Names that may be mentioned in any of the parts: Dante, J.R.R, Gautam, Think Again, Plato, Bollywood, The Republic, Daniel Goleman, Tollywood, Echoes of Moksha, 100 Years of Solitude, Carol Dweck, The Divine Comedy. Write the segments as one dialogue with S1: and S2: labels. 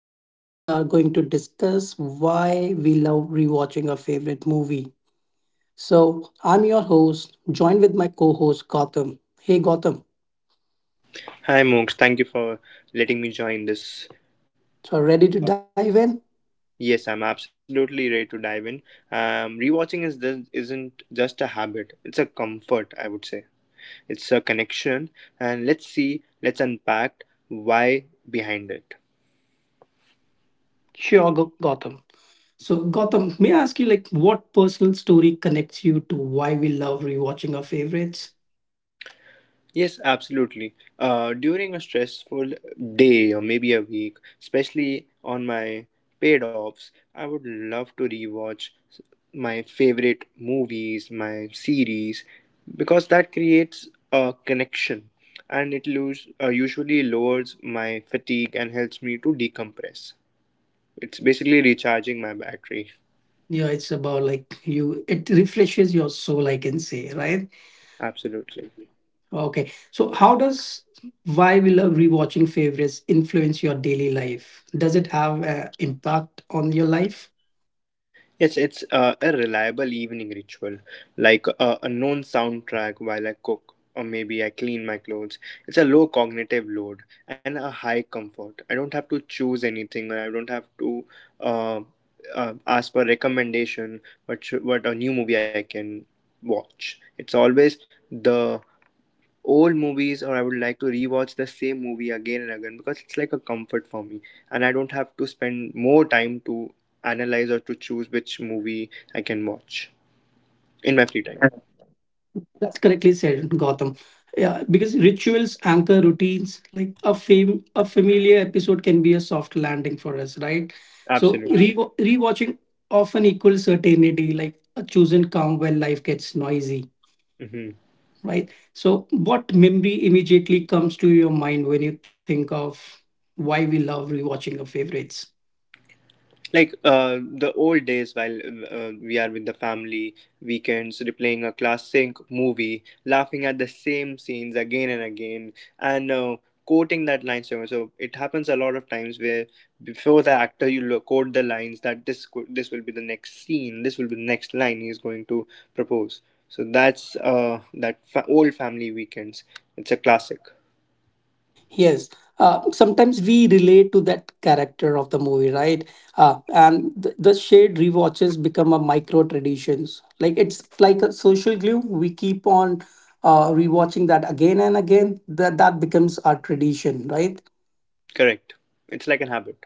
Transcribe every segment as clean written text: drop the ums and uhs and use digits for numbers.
S1: Today, we are going to discuss why we love rewatching our favorite movie. So, I'm your host, joined with my co host, Gotham. Hey, Gotham.
S2: Hi, Mooks. Thank you for letting me join this.
S1: So, ready to
S2: Uh,
S1: dive in?
S2: Yes, I'm absolutely ready to dive in. Rewatching is this isn't just a habit; it's a comfort, I would say. It's a connection, and let's see, let's unpack why behind it.
S1: Sure, Gotham. So, Gotham, may I ask you, like, what personal story connects you to why we love rewatching our favorites?
S2: Yes, absolutely. During a stressful day or maybe a week, especially on my paid offs, I would love to rewatch my favorite movies, my series, because that creates a connection and it usually lowers my fatigue and helps me to decompress. It's basically recharging my battery.
S1: Yeah, it's about like you, it refreshes your soul, I can say, right?
S2: Absolutely.
S1: Okay. So, how does why we love rewatching favorites influence your daily life? Does it have an impact on your life?
S2: Yes, it's a reliable evening ritual, like a known soundtrack while I cook, or maybe I clean my clothes. It's a low cognitive load and a high comfort. I don't have to choose anything, or I don't have to uh, ask for recommendation what a new movie I can watch. It's always the old movies, or I would like to rewatch the same movie again and again because it's like a comfort for me, and I don't have to spend more time to analyze or to choose which movie I can watch in my free time.
S1: That's correctly said, Gotham. Yeah, because rituals anchor routines. Like a a familiar episode can be a soft landing for us, right? So
S2: Absolutely.
S1: rewatching often equals certainty, like a chosen calm when life gets noisy,
S2: Mhm.
S1: right? So, what memory immediately comes to your mind when you think of why we love rewatching our favorites?
S2: Like the old days while we are with the family weekends, replaying a classic movie, laughing at the same scenes again and again, and quoting that line. So it happens a lot of times where before the actor you quote the lines that this will be the next scene, this will be the next line he is going to propose. So that's old family weekends. It's a classic.
S1: Yes, sometimes we relate to that character of the movie, right? And the shared rewatches become a micro traditions. Like it's like a social glue. We keep on rewatching that again and again. That becomes our tradition, right?
S2: Correct, it's like an habit.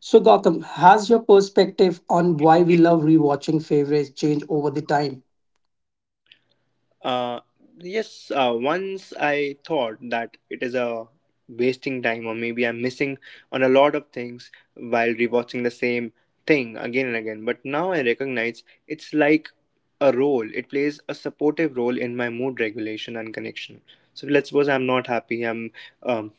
S1: So Gotham, has your perspective on why we love rewatching favorites change over the time?
S2: Uh, yes, once I thought that it is a wasting time or maybe I'm missing on a lot of things while rewatching the same thing again and again. But now I recognize it's like a role. It plays a supportive role in my mood regulation and connection. So let's suppose I'm not happy, I'm um,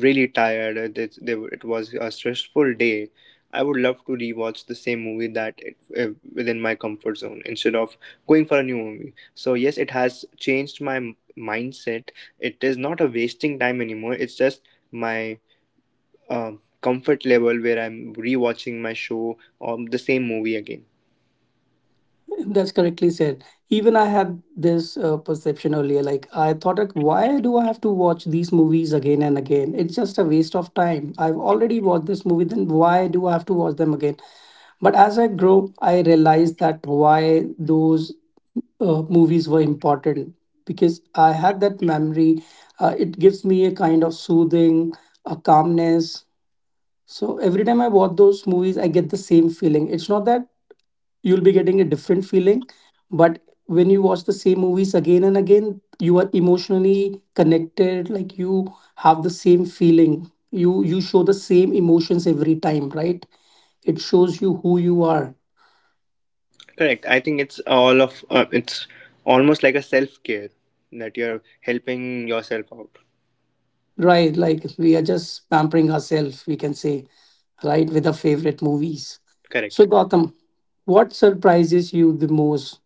S2: really tired. It was a stressful day. I would love to rewatch the same movie that within my comfort zone instead of going for a new movie. So yes, it has changed my mindset. It is not a wasting time anymore. It's just my comfort level where I'm rewatching my show or the same movie again.
S1: That's correctly said. Even I had this perception earlier. Like I thought, like, why do I have to watch these movies again and again? It's just a waste of time. I've already watched this movie. Then why do I have to watch them again? But as I grow, I realized that why those movies were important because I had that memory. It gives me a kind of soothing, a calmness, so every time I watch those movies, I get the same feeling. It's not that you'll be getting a different feeling, but when you watch the same movies again and again, you are emotionally connected, like you have the same feeling. You show the same emotions every time, right? It shows you who you are.
S2: Correct. I think it's all of it's almost like a self care that you're helping yourself out.
S1: Right, like we are just pampering ourselves, we can say, right, with our favorite movies. So
S2: Correct.
S1: Gotham, what surprises you the most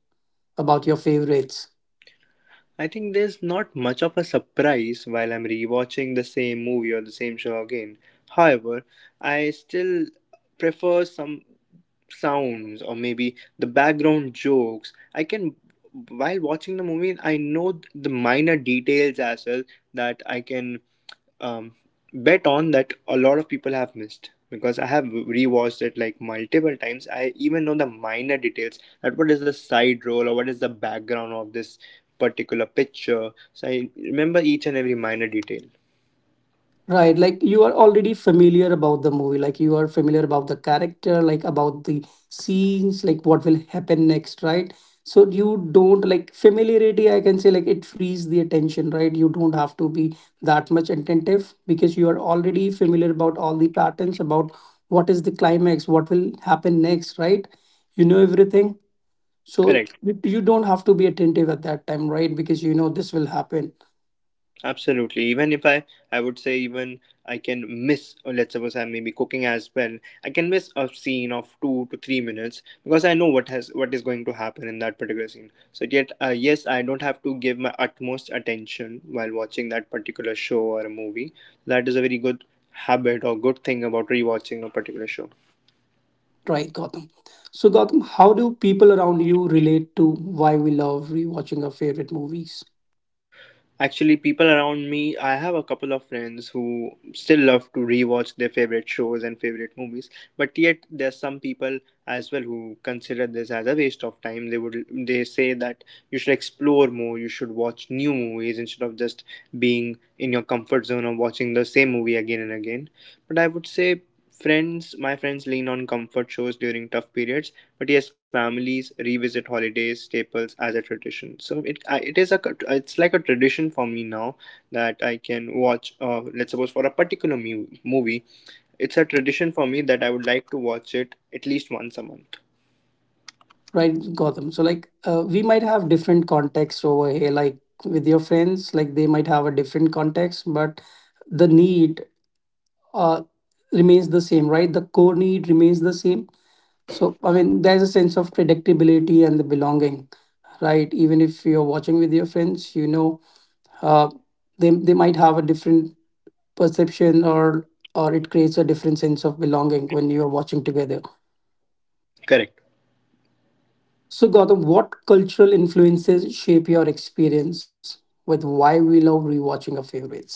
S1: about your favorites?
S2: I think there's not much of a surprise while I'm rewatching the same movie or the same show again. However, I still prefer some sounds or maybe the background jokes. I can, while watching the movie, I know the minor details as well that I can um, bet on that a lot of people have missed because I have rewatched it like multiple times. I even know the minor details that what is the side roll or what is the background of this particular picture. So I remember each and every minor detail.
S1: Right, like you are already familiar about the movie, like you are familiar about the character, like about the scenes, like what will happen next, right? So you don't like familiarity, I can say, like it frees the attention, right? You don't have to be that much attentive because you are already familiar about all the patterns, about what is the climax, what will happen next, right? You know everything. So
S2: Correct.
S1: you don't have to be attentive at that time, right? Because you know this will happen.
S2: Absolutely. Even if I, I would say even I can miss, or let's suppose I'm maybe cooking as well, I can miss a scene of 2 to 3 minutes because I know what is going to happen in that particular scene. So yet, yes, I don't have to give my utmost attention while watching that particular show or a movie. That is a very good habit or good thing about rewatching a particular show.
S1: Right, Gotham. So, Gotham, how do people around you relate to why we love rewatching our favorite movies?
S2: Actually, people around me, I have a couple of friends who still love to rewatch their favorite shows and favorite movies, but yet there's some people as well who consider this as a waste of time. They say that you should explore more, you should watch new movies instead of just being in your comfort zone or watching the same movie again and again. But I would say friends, my friends lean on comfort shows during tough periods. But yes, families revisit holidays staples as a tradition. So it is a it's like a tradition for me now that I can watch. Let's suppose for a particular movie, it's a tradition for me that I would like to watch it at least once a month.
S1: Right, Gotham. So, like, we might have different contexts over here. Like, with your friends, like, they might have a different context, but the need uh, remains the same, right? The core need remains the same. So, I mean, there's a sense of predictability and the belonging, right? Even if you're watching with your friends, you know, uh, they might have a different perception or it creates a different sense of belonging when you are watching together.
S2: Correct.
S1: So, Gautam, what cultural influences shape your experience with why we love rewatching our favorites?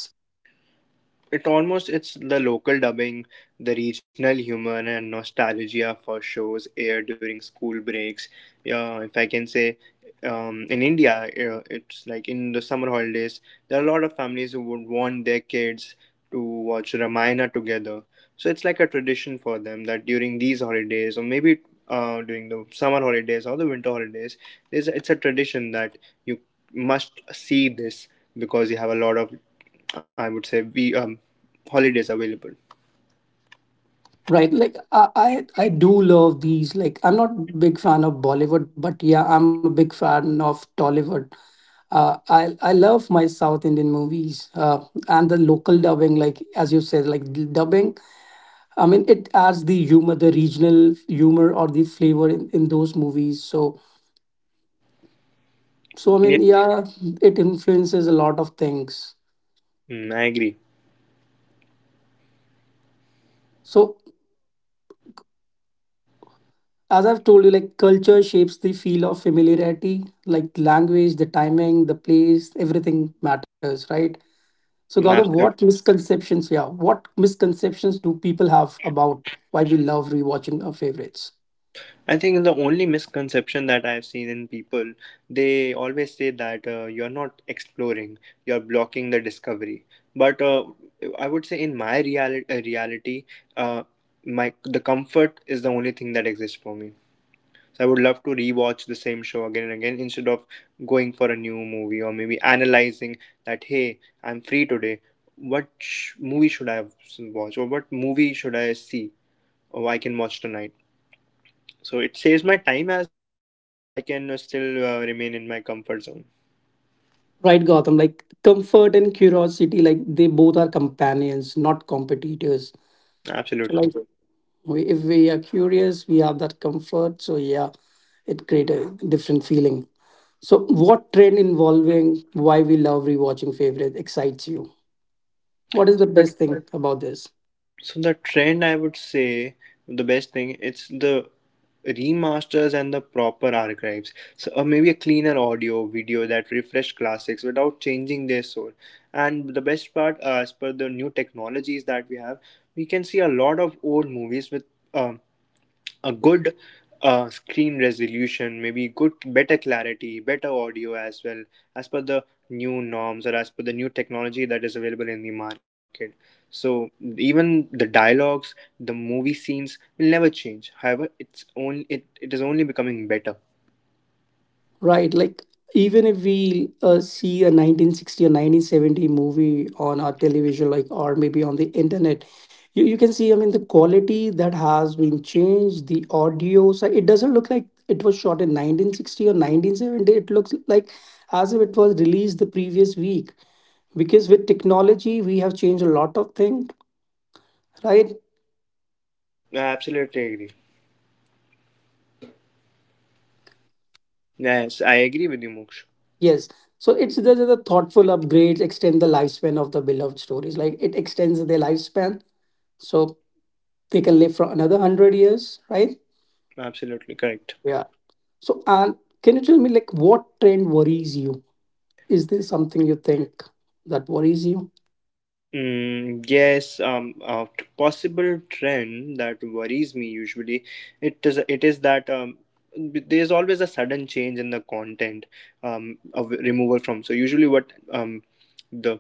S2: It almost it's the local dubbing, the regional humor, and nostalgia for shows aired during school breaks. Yeah, if I can say, in india, it's like in the summer holidays there are a lot of families who would want their kids to watch Ramayana together. So it's like a tradition for them that during these holidays or maybe during the summer holidays or the winter holidays, it's a tradition that you must see this because you have a lot of, I would say we holidays available.
S1: Right, like I do love these. Like I'm not big fan of Bollywood, but yeah, I'm a big fan of Tollywood. I love my South Indian movies and the local dubbing. Like as you said, like the dubbing. I mean, it adds the humor, the regional humor or the flavor in those movies. So I mean,
S2: Yeah.
S1: yeah, it influences a lot of things.
S2: I agree.
S1: So as I've told you, like culture shapes the feel of familiarity, like language, the timing, the place, everything matters, right? So, Gautam,
S2: Hmm,
S1: what
S2: After,
S1: misconceptions, yeah, what misconceptions do people have about why we love rewatching our favorites?
S2: I think the only misconception that I've seen in people, they always say that you're not exploring, you're blocking the discovery. But I would say in my reality, uh, my the comfort is the only thing that exists for me. So I would love to rewatch the same show again and again instead of going for a new movie or maybe analyzing that hey, I'm free today. Movie should I watch or what movie should I see or I can watch tonight? So it saves my time as well. Plus, I can still remain in my comfort zone.
S1: Right, Gautam, like comfort and curiosity, like they both are companions, not competitors. So, like,
S2: Absolutely.
S1: we, if we are curious, we have that comfort. So, yeah, it creates a different feeling. So, what trend involving why we love rewatching favorite excites you? What is the
S2: So,
S1: best thing about this?
S2: So the trend I would say the best thing it's the remasters and the proper archives. So maybe a cleaner audio video that refresh classics without changing their soul. And the best part, as per the new technologies that we have, we can see a lot of old movies with um, a good screen resolution, maybe good, better clarity, better audio as well, as per the new norms or as per the new technology that is available in the market. So even the dialogues, the movie scenes will never change. However, it is only becoming better.
S1: Right, like even if we see a 1960 or 1970 movie on our television, like or maybe on the internet, you can see. I mean, the quality that has been changed, the audio. So it doesn't look like it was shot in 1960 or 1970. It looks like as if it was released the previous week. Because with technology, we have changed a lot of things, right.
S2: I absolutely agree. Yes, I agree with you, Moksh.
S1: Yes. So it's the thoughtful upgrades extend the lifespan of the beloved stories. Like it extends their lifespan. So they can live for another 100 years, right?
S2: Absolutely correct.
S1: Yeah. So and can you tell me like what trend worries you? Is there something you think that worries you?
S2: Yes, possible trend that worries me usually it is that there's always a sudden change in the content of removal from. So usually, what the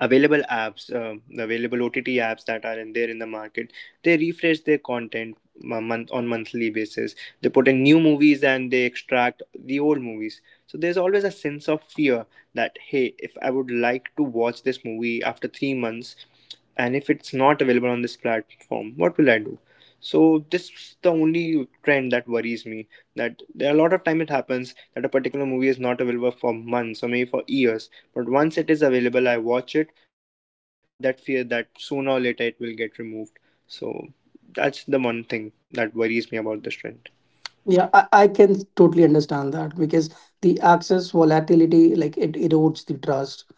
S2: available apps, available OTT apps that are in there in the market, they refresh their content month on monthly basis. They put in new movies and they extract the old movies. So there's always a sense of fear that hey, if I would like to watch this movie after 3 months, and if it's not available on this platform, what will I do? So this is the only trend that worries me, that there are a lot of time it happens that a particular movie is not available for months or maybe for years, but once it is available I watch it, but I always have that fear that sooner or later it will get removed. So that's the one thing that worries me about this trend.
S1: Yeah, I can totally understand that because the access volatility like it erodes the trust.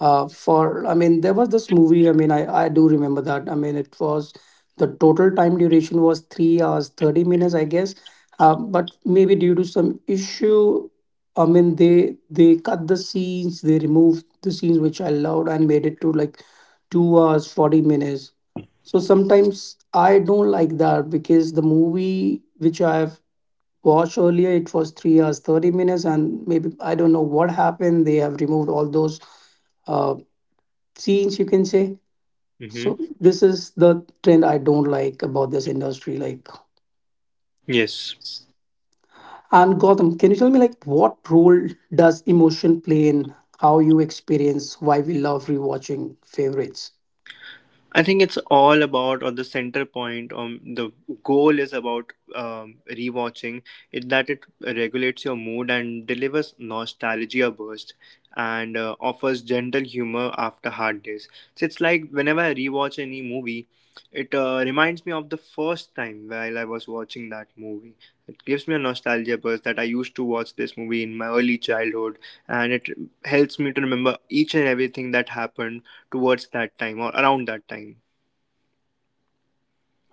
S1: Uh, for i mean there was this movie, I mean I do remember that, I mean it was, the total time duration was 3 hours 30 minutes I guess. But maybe due to some issue, I mean they cut the scenes, they removed the scenes which I loved and made it to like 2 hours 40 minutes. So sometimes I don't like that because the movie which I've watched earlier it was 3 hours 30 minutes and maybe I don't know what happened, they have removed all those uh, change you can say.
S2: Mm-hmm.
S1: So this is the trend I don't like about this industry, like.
S2: Yes.
S1: And Gotham, can you tell me like what role does emotion play in how you experience why we love rewatching favorites?
S2: I think it's all about, or the center point, the goal is about rewatching it that it regulates your mood and delivers nostalgia burst and offers gentle humor after hard days. So it's like whenever I rewatch any movie, it reminds me of the first time while I was watching that movie. It gives me a nostalgia burst that I used to watch this movie in my early childhood, and it helps me to remember each and everything that happened towards that time or around that time.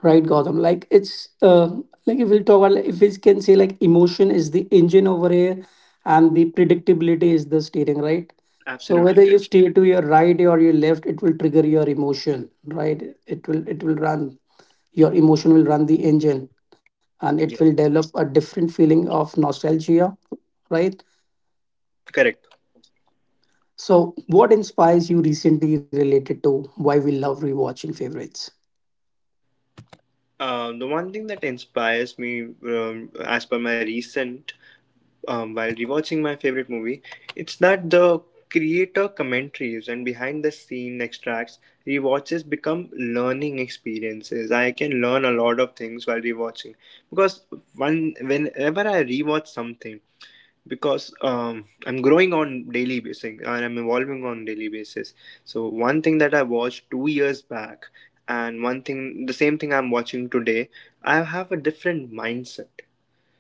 S1: Right Gotham, like it's like if we'll talk about like, if we can say like emotion is the engine over here and the predictability is the steering, right? So
S2: Absolutely
S1: whether you
S2: correct.
S1: steer to your right or your left, it will trigger your emotion, right? It will run. Your emotion will run the engine and it will
S2: Yeah,
S1: develop a different feeling of nostalgia, right?
S2: correct.
S1: So, what inspires you recently related to why we love rewatching favorites?
S2: The one thing that inspires me, as per my recent, while rewatching my favorite movie, it's that the creator commentaries and behind the scene extracts rewatches become learning experiences. I can learn a lot of things while rewatching because one whenever I rewatch something, because I'm growing on daily basis and I'm evolving on daily basis. So one thing that I watched 2 years back and one thing the same thing I'm watching today, I have a different mindset.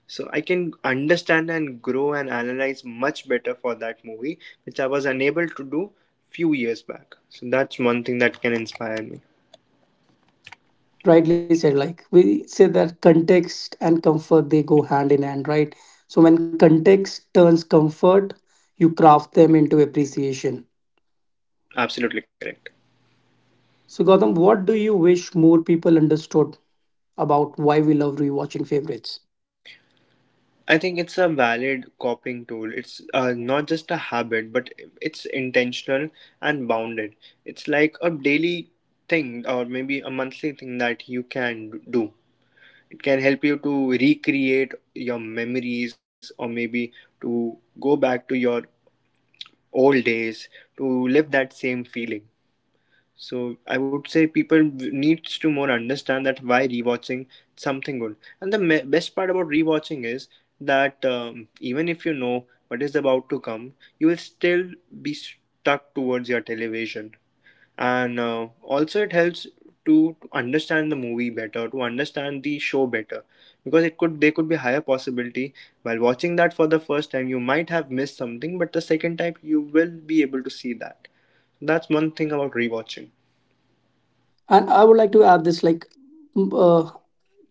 S2: So I can understand and grow and analyze much better for that movie, which I was unable to do few years back. So that's one thing that can inspire me.
S1: Rightly said, like we say that context and comfort they go hand in hand, right? So, when context turns comfort, you craft them into appreciation.
S2: Absolutely correct.
S1: So, Gautam, what do you wish more people understood about why we love rewatching favorites?
S2: I think it's a valid coping tool. It's not just a habit, but it's intentional and bounded. It's like a daily thing or maybe a monthly thing that you can do. It can help you to recreate your memories or maybe to go back to your old days to live that same feeling. So I would say people needs to more understand that why rewatching something good. And the best part about rewatching is that even if you know what is about to come, you will still be stuck towards your television. And also it helps to understand the movie better, to understand the show better, because it could there could be higher possibility while watching that for the first time you might have missed something, but the second time you will be able to see that. That's one thing about rewatching.
S1: And I would like to add this, like, m- uh,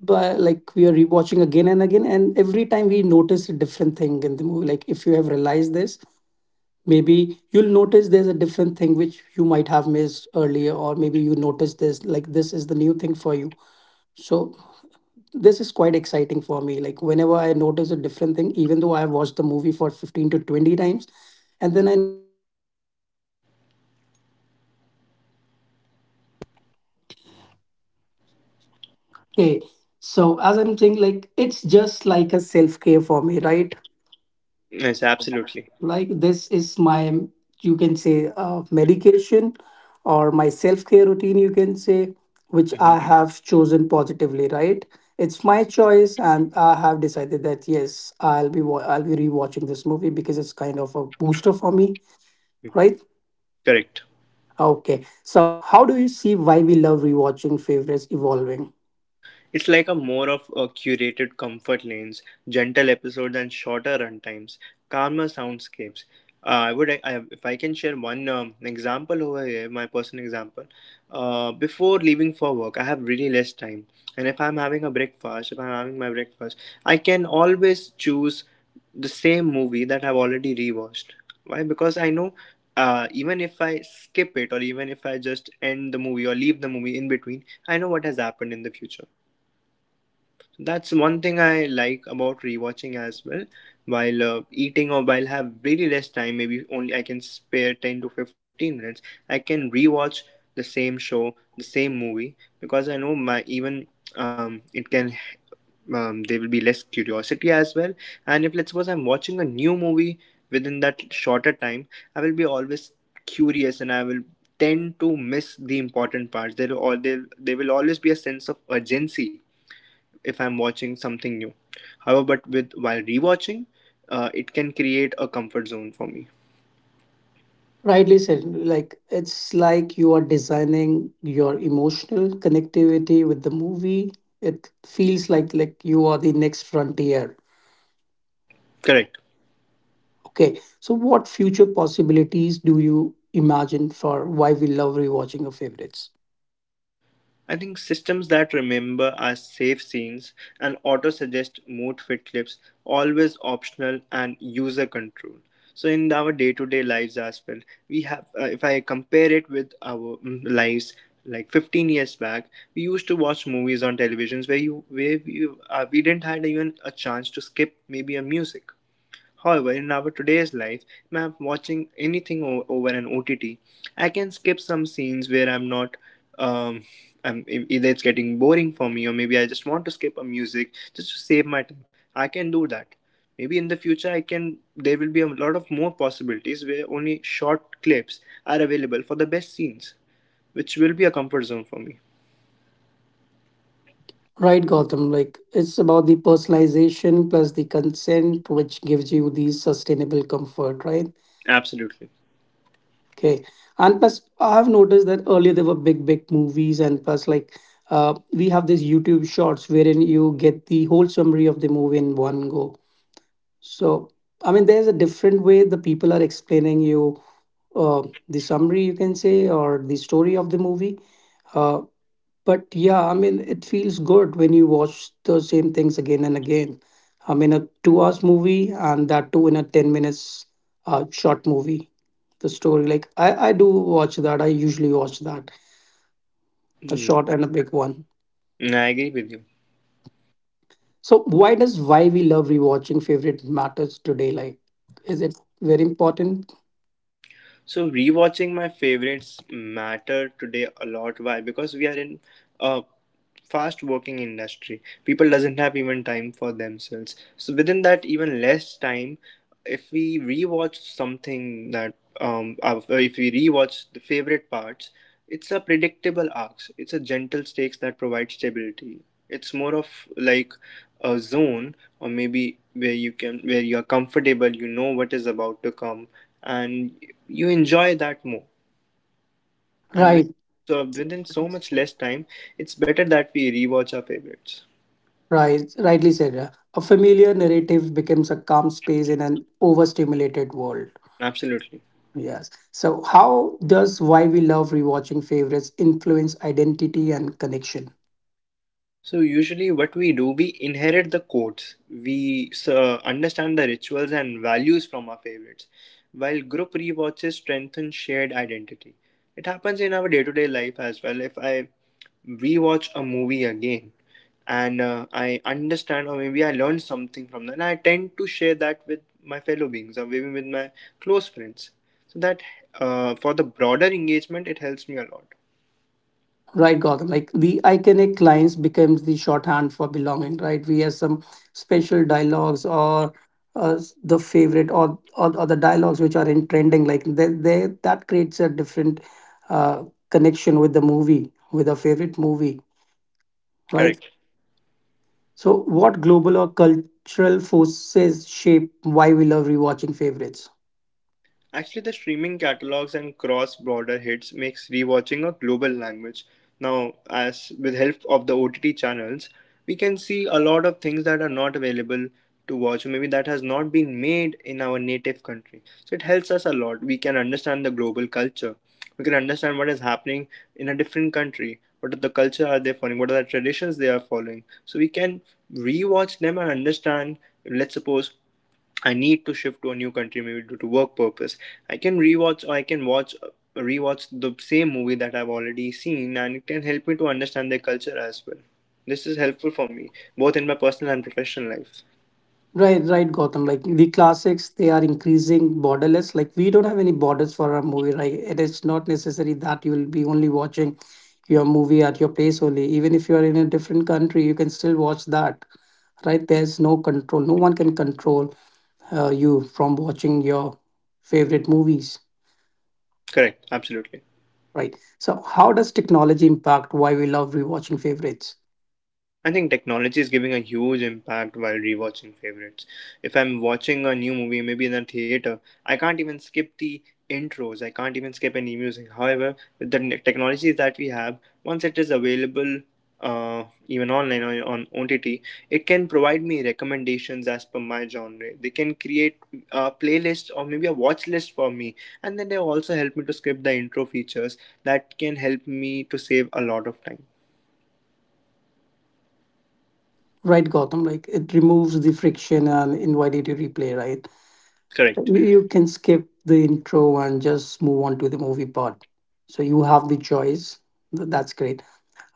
S1: by like we are rewatching again and again and every time we notice a different thing in the movie, like if you have realized this, maybe you'll notice there's a different thing which you might have missed earlier, or maybe you notice this like this is the new thing for you. So this is quite exciting for me, like whenever I notice a different thing even though I have watched the movie for 15 to 20 times, and then I
S3: Okay, so as I'm saying, like it's just like a self care for me, right?
S2: Yes, absolutely.
S3: Like this is my, you can say, medication or my self care routine, you can say, which I
S2: Hmm
S3: have chosen positively, right? It's my choice, and I have decided that yes, I'll be rewatching this movie because it's kind of a booster for me, right?
S2: Correct.
S3: Okay, so how do you see why we love rewatching favorites evolving?
S2: It's like a more of a curated comfort lanes, gentle episodes, and shorter runtimes, calmer soundscapes. I would, I- If I can share one example over here, my personal example. Before leaving for work, I have really less time, and if I'm having a breakfast, if I'm having my breakfast, I can always choose the same movie that I've already rewatched. Why? Because I know even if I skip it or even if I just end the movie or leave the movie in between, I know what has happened in the future. That's one thing I like about rewatching as well. While eating or while have really less time, maybe only I can spare 10 to 15 minutes, I can rewatch the same show, the same movie because I know my even it can there will be less curiosity as well. And if let's suppose I'm watching a new movie within that shorter time, I will be always curious and I will tend to miss the important parts. There will always be a sense of urgency if I'm watching something new. However, but with while rewatching, it can create a comfort zone for me.
S3: Rightly said. Like it's like you are designing your emotional connectivity with the movie. It feels like you are the next frontier.
S2: Correct.
S3: Okay. So what future possibilities do you imagine for why we love rewatching our favorites?
S2: I think systems that remember our safe scenes and auto suggest mood fit clips always optional and user controlled. So in our day to day lives as well, we have if I compare it with our lives like 15 years back, we used to watch movies on televisions where you where we didn't had even a chance to skip maybe a music. However, in our today's life, when I'm watching anything over an OTT, I can skip some scenes where I'm not. Um, Either it's getting boring for me, or maybe I just want to skip a music just to save my time. I can do that. Maybe in the future, I can. There will be a lot of more possibilities where only short clips are available for the best scenes, which will be a comfort zone for me.
S3: Right, Gotham. Like it's about the personalization plus the consent, which gives you the sustainable comfort, right?
S2: Absolutely.
S3: Okay. And plus, I have noticed that earlier there were big, big movies, and plus, like, we have these YouTube shorts wherein you get the whole summary of the movie in one go. So, I mean, there's a different way the people are explaining you uh, the summary, you can say, or the story of the movie. Uh, But yeah, I mean, it feels good when you watch the same things again and again. I mean, a 2 hour movie and that too in a 10 minutes short movie. The story, like, I do watch that. I usually watch that, a short
S2: Mm.
S3: and a big one.
S2: I agree with you.
S3: So, why does why we love rewatching favorite matters today? Like, is it very important?
S2: So rewatching my favorites matter today a lot. Why? Because we are in a fast working industry. People doesn't have even time for themselves. So within that even less time, if we rewatch something that um uh, if we rewatch the favorite parts, it's a predictable arcs. It's a gentle stakes that provide stability. It's more of like a zone or maybe where you are comfortable, you know what is about to come and you enjoy that more. And with
S3: Right,
S2: so within so much less time, it's better that we rewatch our favorites.
S3: right, Rightly said. A familiar narrative becomes a calm space in an overstimulated world.
S2: Absolutely.
S3: Yes. So, how does why we love rewatching favorites influence identity and connection?
S2: So usually what we do, we inherit the codes. We understand the rituals and values from our favorites, while group rewatches strengthen shared identity. It happens in our day-to-day life as well. If I rewatch a movie again and I understand or maybe I learn something from that, I tend to share that with my fellow beings or even with my close friends. So that for the broader engagement, it helps me a lot.
S3: Right, Gotham. Like the iconic lines becomes the shorthand for belonging. Right. We have some special dialogues or the favorite or the dialogues which are in trending. Like they that creates a different uh, connection with the movie with a favorite movie. Right.
S2: Correct.
S3: So, what global or cultural forces shape why we love rewatching favorites?
S2: Actually, the streaming catalogs and cross-border hits makes rewatching a global language. Now, as with help of the OTT channels, we can see a lot of things that are not available to watch, or maybe that has not been made in our native country. So it helps us a lot. We can understand the global culture. We can understand what is happening in a different country. What are the culture are they following? What are the traditions they are following? So we can rewatch them and understand. Let's suppose I need to shift to a new country, maybe due to work purpose. I can watch rewatch the same movie that I've already seen, and it can help me to understand their culture as well. This is helpful for me both in my personal and professional life.
S3: Right, Gotham. Like the classics, they are increasing borderless. Like we don't have any borders for our movie, right? It is not necessary that you will be only watching your movie at your place only. Even if you are in a different country, you can still watch that, right? There's no control. No one can control you from watching your favorite movies,
S2: Correct, absolutely.
S3: right? So, how does technology impact why we love rewatching favorites?
S2: I think technology is giving a huge impact while rewatching favorites. If I'm watching a new movie, maybe in a theater, I can't even skip the intros, I can't even skip any music. However, with the technologies that we have, once it is available even online or on OTT, it can provide me recommendations as per my genre. They can create a playlist or maybe a watch list for me, and then they also help me to skip the intro features that can help me to save a lot of time.
S3: Right, Gotham, like it removes the friction and invited to replay, right?
S2: Correct.
S3: You can skip the intro and just move on to the movie part. So you have the choice. That's great.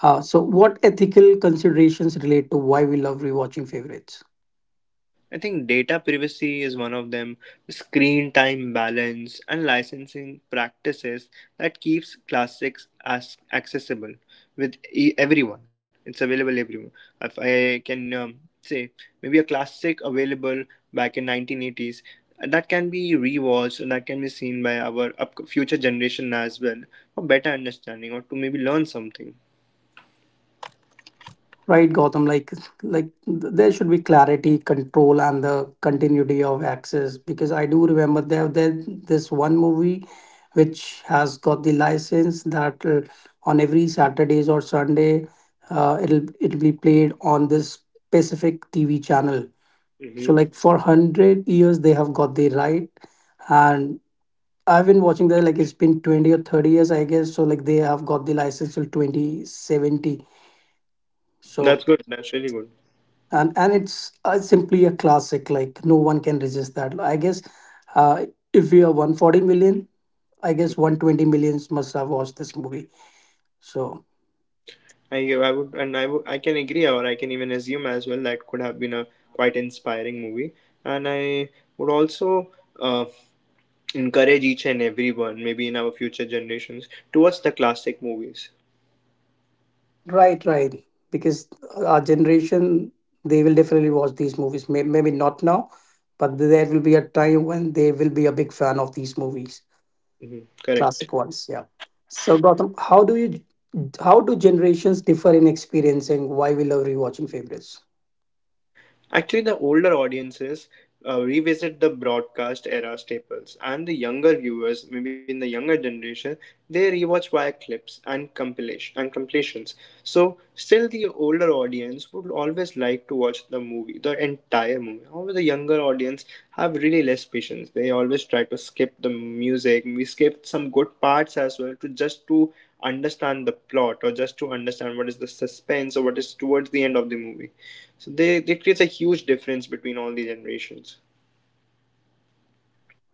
S3: So, what ethical considerations relate to why we love rewatching favorites?
S2: I think data privacy is one of them, screen time balance and licensing practices that keeps classics as accessible with everyone. It's available everyone. If I can say maybe a classic available back in 1980s that can be rewatched and that can be seen by our future generation as well for better understanding or to maybe learn something.
S3: Right, Gotham. Like there should be clarity, control, and the continuity of access. Because I do remember there this one movie, which has got the license that on every Saturdays or Sunday, it'll be played on this specific TV channel.
S2: Hmm
S3: So like for 100 years, they have got the right, and I've been watching that like it's been 20 or 30 years, I guess. So like they have got the license till 2070.
S2: That's
S3: So
S2: good. That's really good.
S3: and it's simply a classic like no one can resist that I guess. uh, if we are 140 million, I guess 120 millions must have watched this movie. So
S2: I would and I can agree or I can even assume as well that could have been a quite inspiring movie and I would also uh, encourage each and everyone maybe in our future generations to watch the classic movies.
S3: right, right, because our generation, they will definitely watch these movies. Maybe not now, but there will be a time when they will be a big fan of these movies,
S2: Hmm Correct.
S3: classic ones, yeah. So Gautam, how do generations differ in experiencing why we love rewatching favorites?
S2: Actually, the older audiences revisit the broadcast era staples, and the younger viewers, maybe in the younger generation, they rewatch via clips and compilation and compilations. So, still, the older audience would always like to watch the movie, the entire movie. However, the younger audience have really less patience. They always try to skip the music. We skip some good parts as well to just to understand the plot or just to understand what is the suspense or what is towards the end of the movie. So they creates a huge difference between all the generations.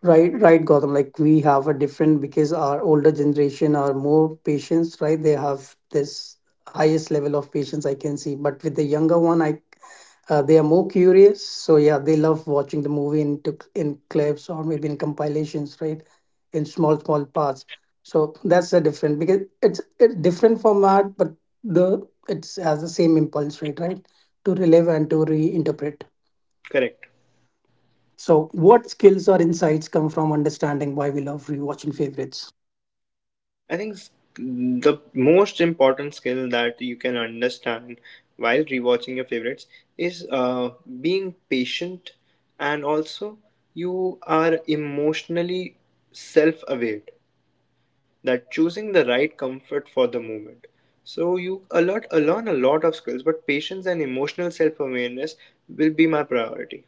S3: Right, Gotham. Like we have a different because our older generation are more patients, right? They have this highest level of patience I can see. But with the younger one, I they are more curious. So yeah, they love watching the movie in clips or maybe in compilations, right? In small small parts. So that's the different because it's different format, but the it's has the same impulse, right? Right, to relive and to reinterpret.
S2: Correct.
S3: So, what skills or insights come from understanding why we love rewatching favorites?
S2: I think s- the most important skill that you can understand while rewatching your favorites is being patient and also you are emotionally self aware that choosing the right comfort for the moment. So you a lot learn a lot of skills, but patience and emotional self awareness will be my priority.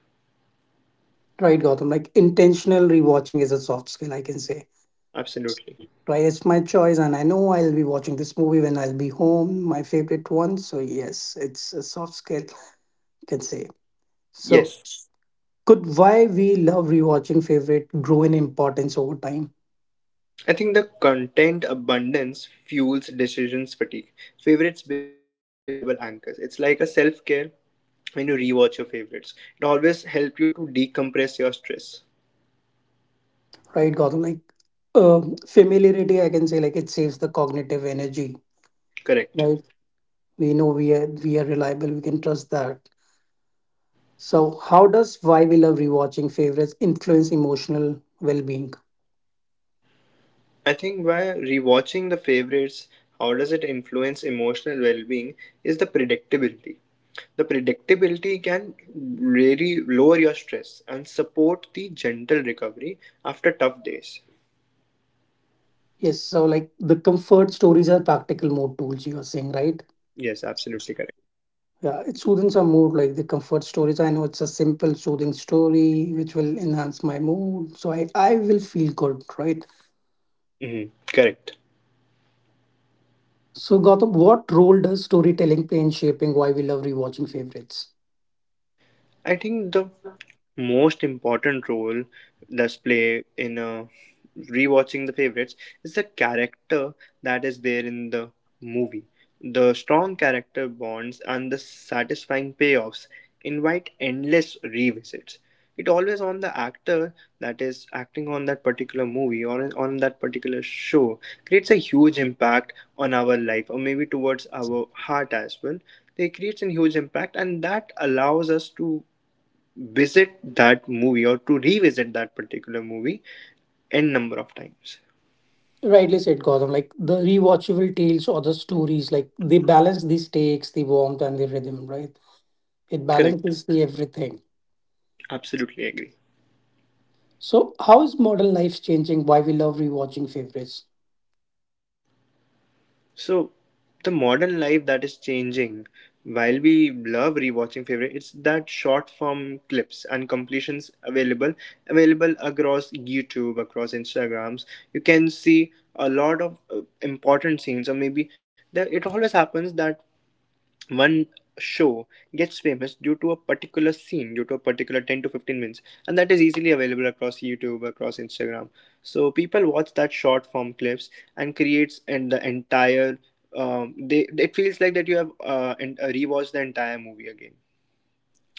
S3: Right, Gotham. Like intentional rewatching is a soft skill, I can say.
S2: Absolutely.
S3: Right, it's my choice, and I know I'll be watching this movie when I'll be home, my favorite one. So, yes, it's a soft skill, I can say. So,
S2: Yes.
S3: could why we love rewatching favorite grow in importance over time?
S2: I think the content abundance fuels decisions fatigue. Favorites become reliable anchors. It's like a self care when you rewatch your favorites. It always helps you to decompress your stress.
S3: Right, Gotham. Like familiarity, I can say, like it saves the cognitive energy.
S2: Correct.
S3: Right, we know we are reliable. We can trust that. So, how does why we love rewatching favorites influence emotional well being?
S2: I think by rewatching the favorites, how does it influence emotional well being is the predictability. The predictability can really lower your stress and support the gentle recovery after tough days.
S3: Yes, so like the comfort stories are practical mood tools, you are saying, right?
S2: Yes, absolutely correct.
S3: Yeah, it soothes our mood, like the comfort stories. I know it's a simple, soothing story which will enhance my mood, so I will feel good, right?
S2: Hmm Correct.
S3: So, Gautam, what role does storytelling play in shaping why we love rewatching favorites?
S2: I think the most important role that's play in rewatching the favorites is the character that is there in the movie. The strong character bonds and the satisfying payoffs invite endless revisits. It always on the actor that is acting on that particular movie or on that particular show creates a huge impact on our life or maybe towards our heart as well. They creates a huge impact and that allows us to visit that movie or to revisit that particular movie n number of times.
S3: Rightly said, Gautam. Like the rewatchable tales or the stories, like they balance the stakes, the warmth, and the rhythm, right? It
S2: Correct.
S3: balances the everything.
S2: Absolutely agree.
S3: So, how is modern life changing? Why we love rewatching favorites?
S2: So the modern life that is changing while we love rewatching favorite it's that short form clips and completions available across YouTube, across Instagrams, you can see a lot of important scenes or maybe there, it always happens that one show gets famous due to a particular scene, due to a particular 10 to 15 minutes, and that is easily available across YouTube, across Instagram. So people watch that short form clips and creates and the entire they it feels like that you have and rewatched the entire movie again.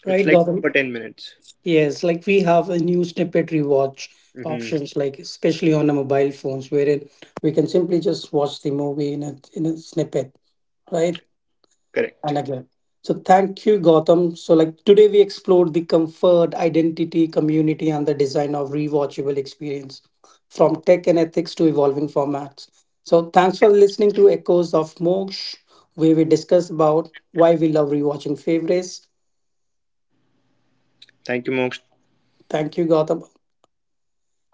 S3: Right,
S2: It's like
S3: Gautam.
S2: for 10 minutes.
S3: Yes, like we have a new snippet rewatch
S2: Hmm
S3: options, like especially on our mobile phones, wherein we can simply just watch the movie in a snippet, right? And
S2: correct.
S3: again. So thank you, Gautam. So like today we explored the comfort, identity, community, and the design of rewatchable experience from tech and ethics to evolving formats. So thanks for listening to Echoes of Moksha, where we discuss about why we love rewatching favorites.
S2: Thank you, Moksh.
S3: Thank you, Gautam.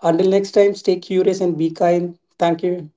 S3: Until next time, stay curious and be kind. Thank you.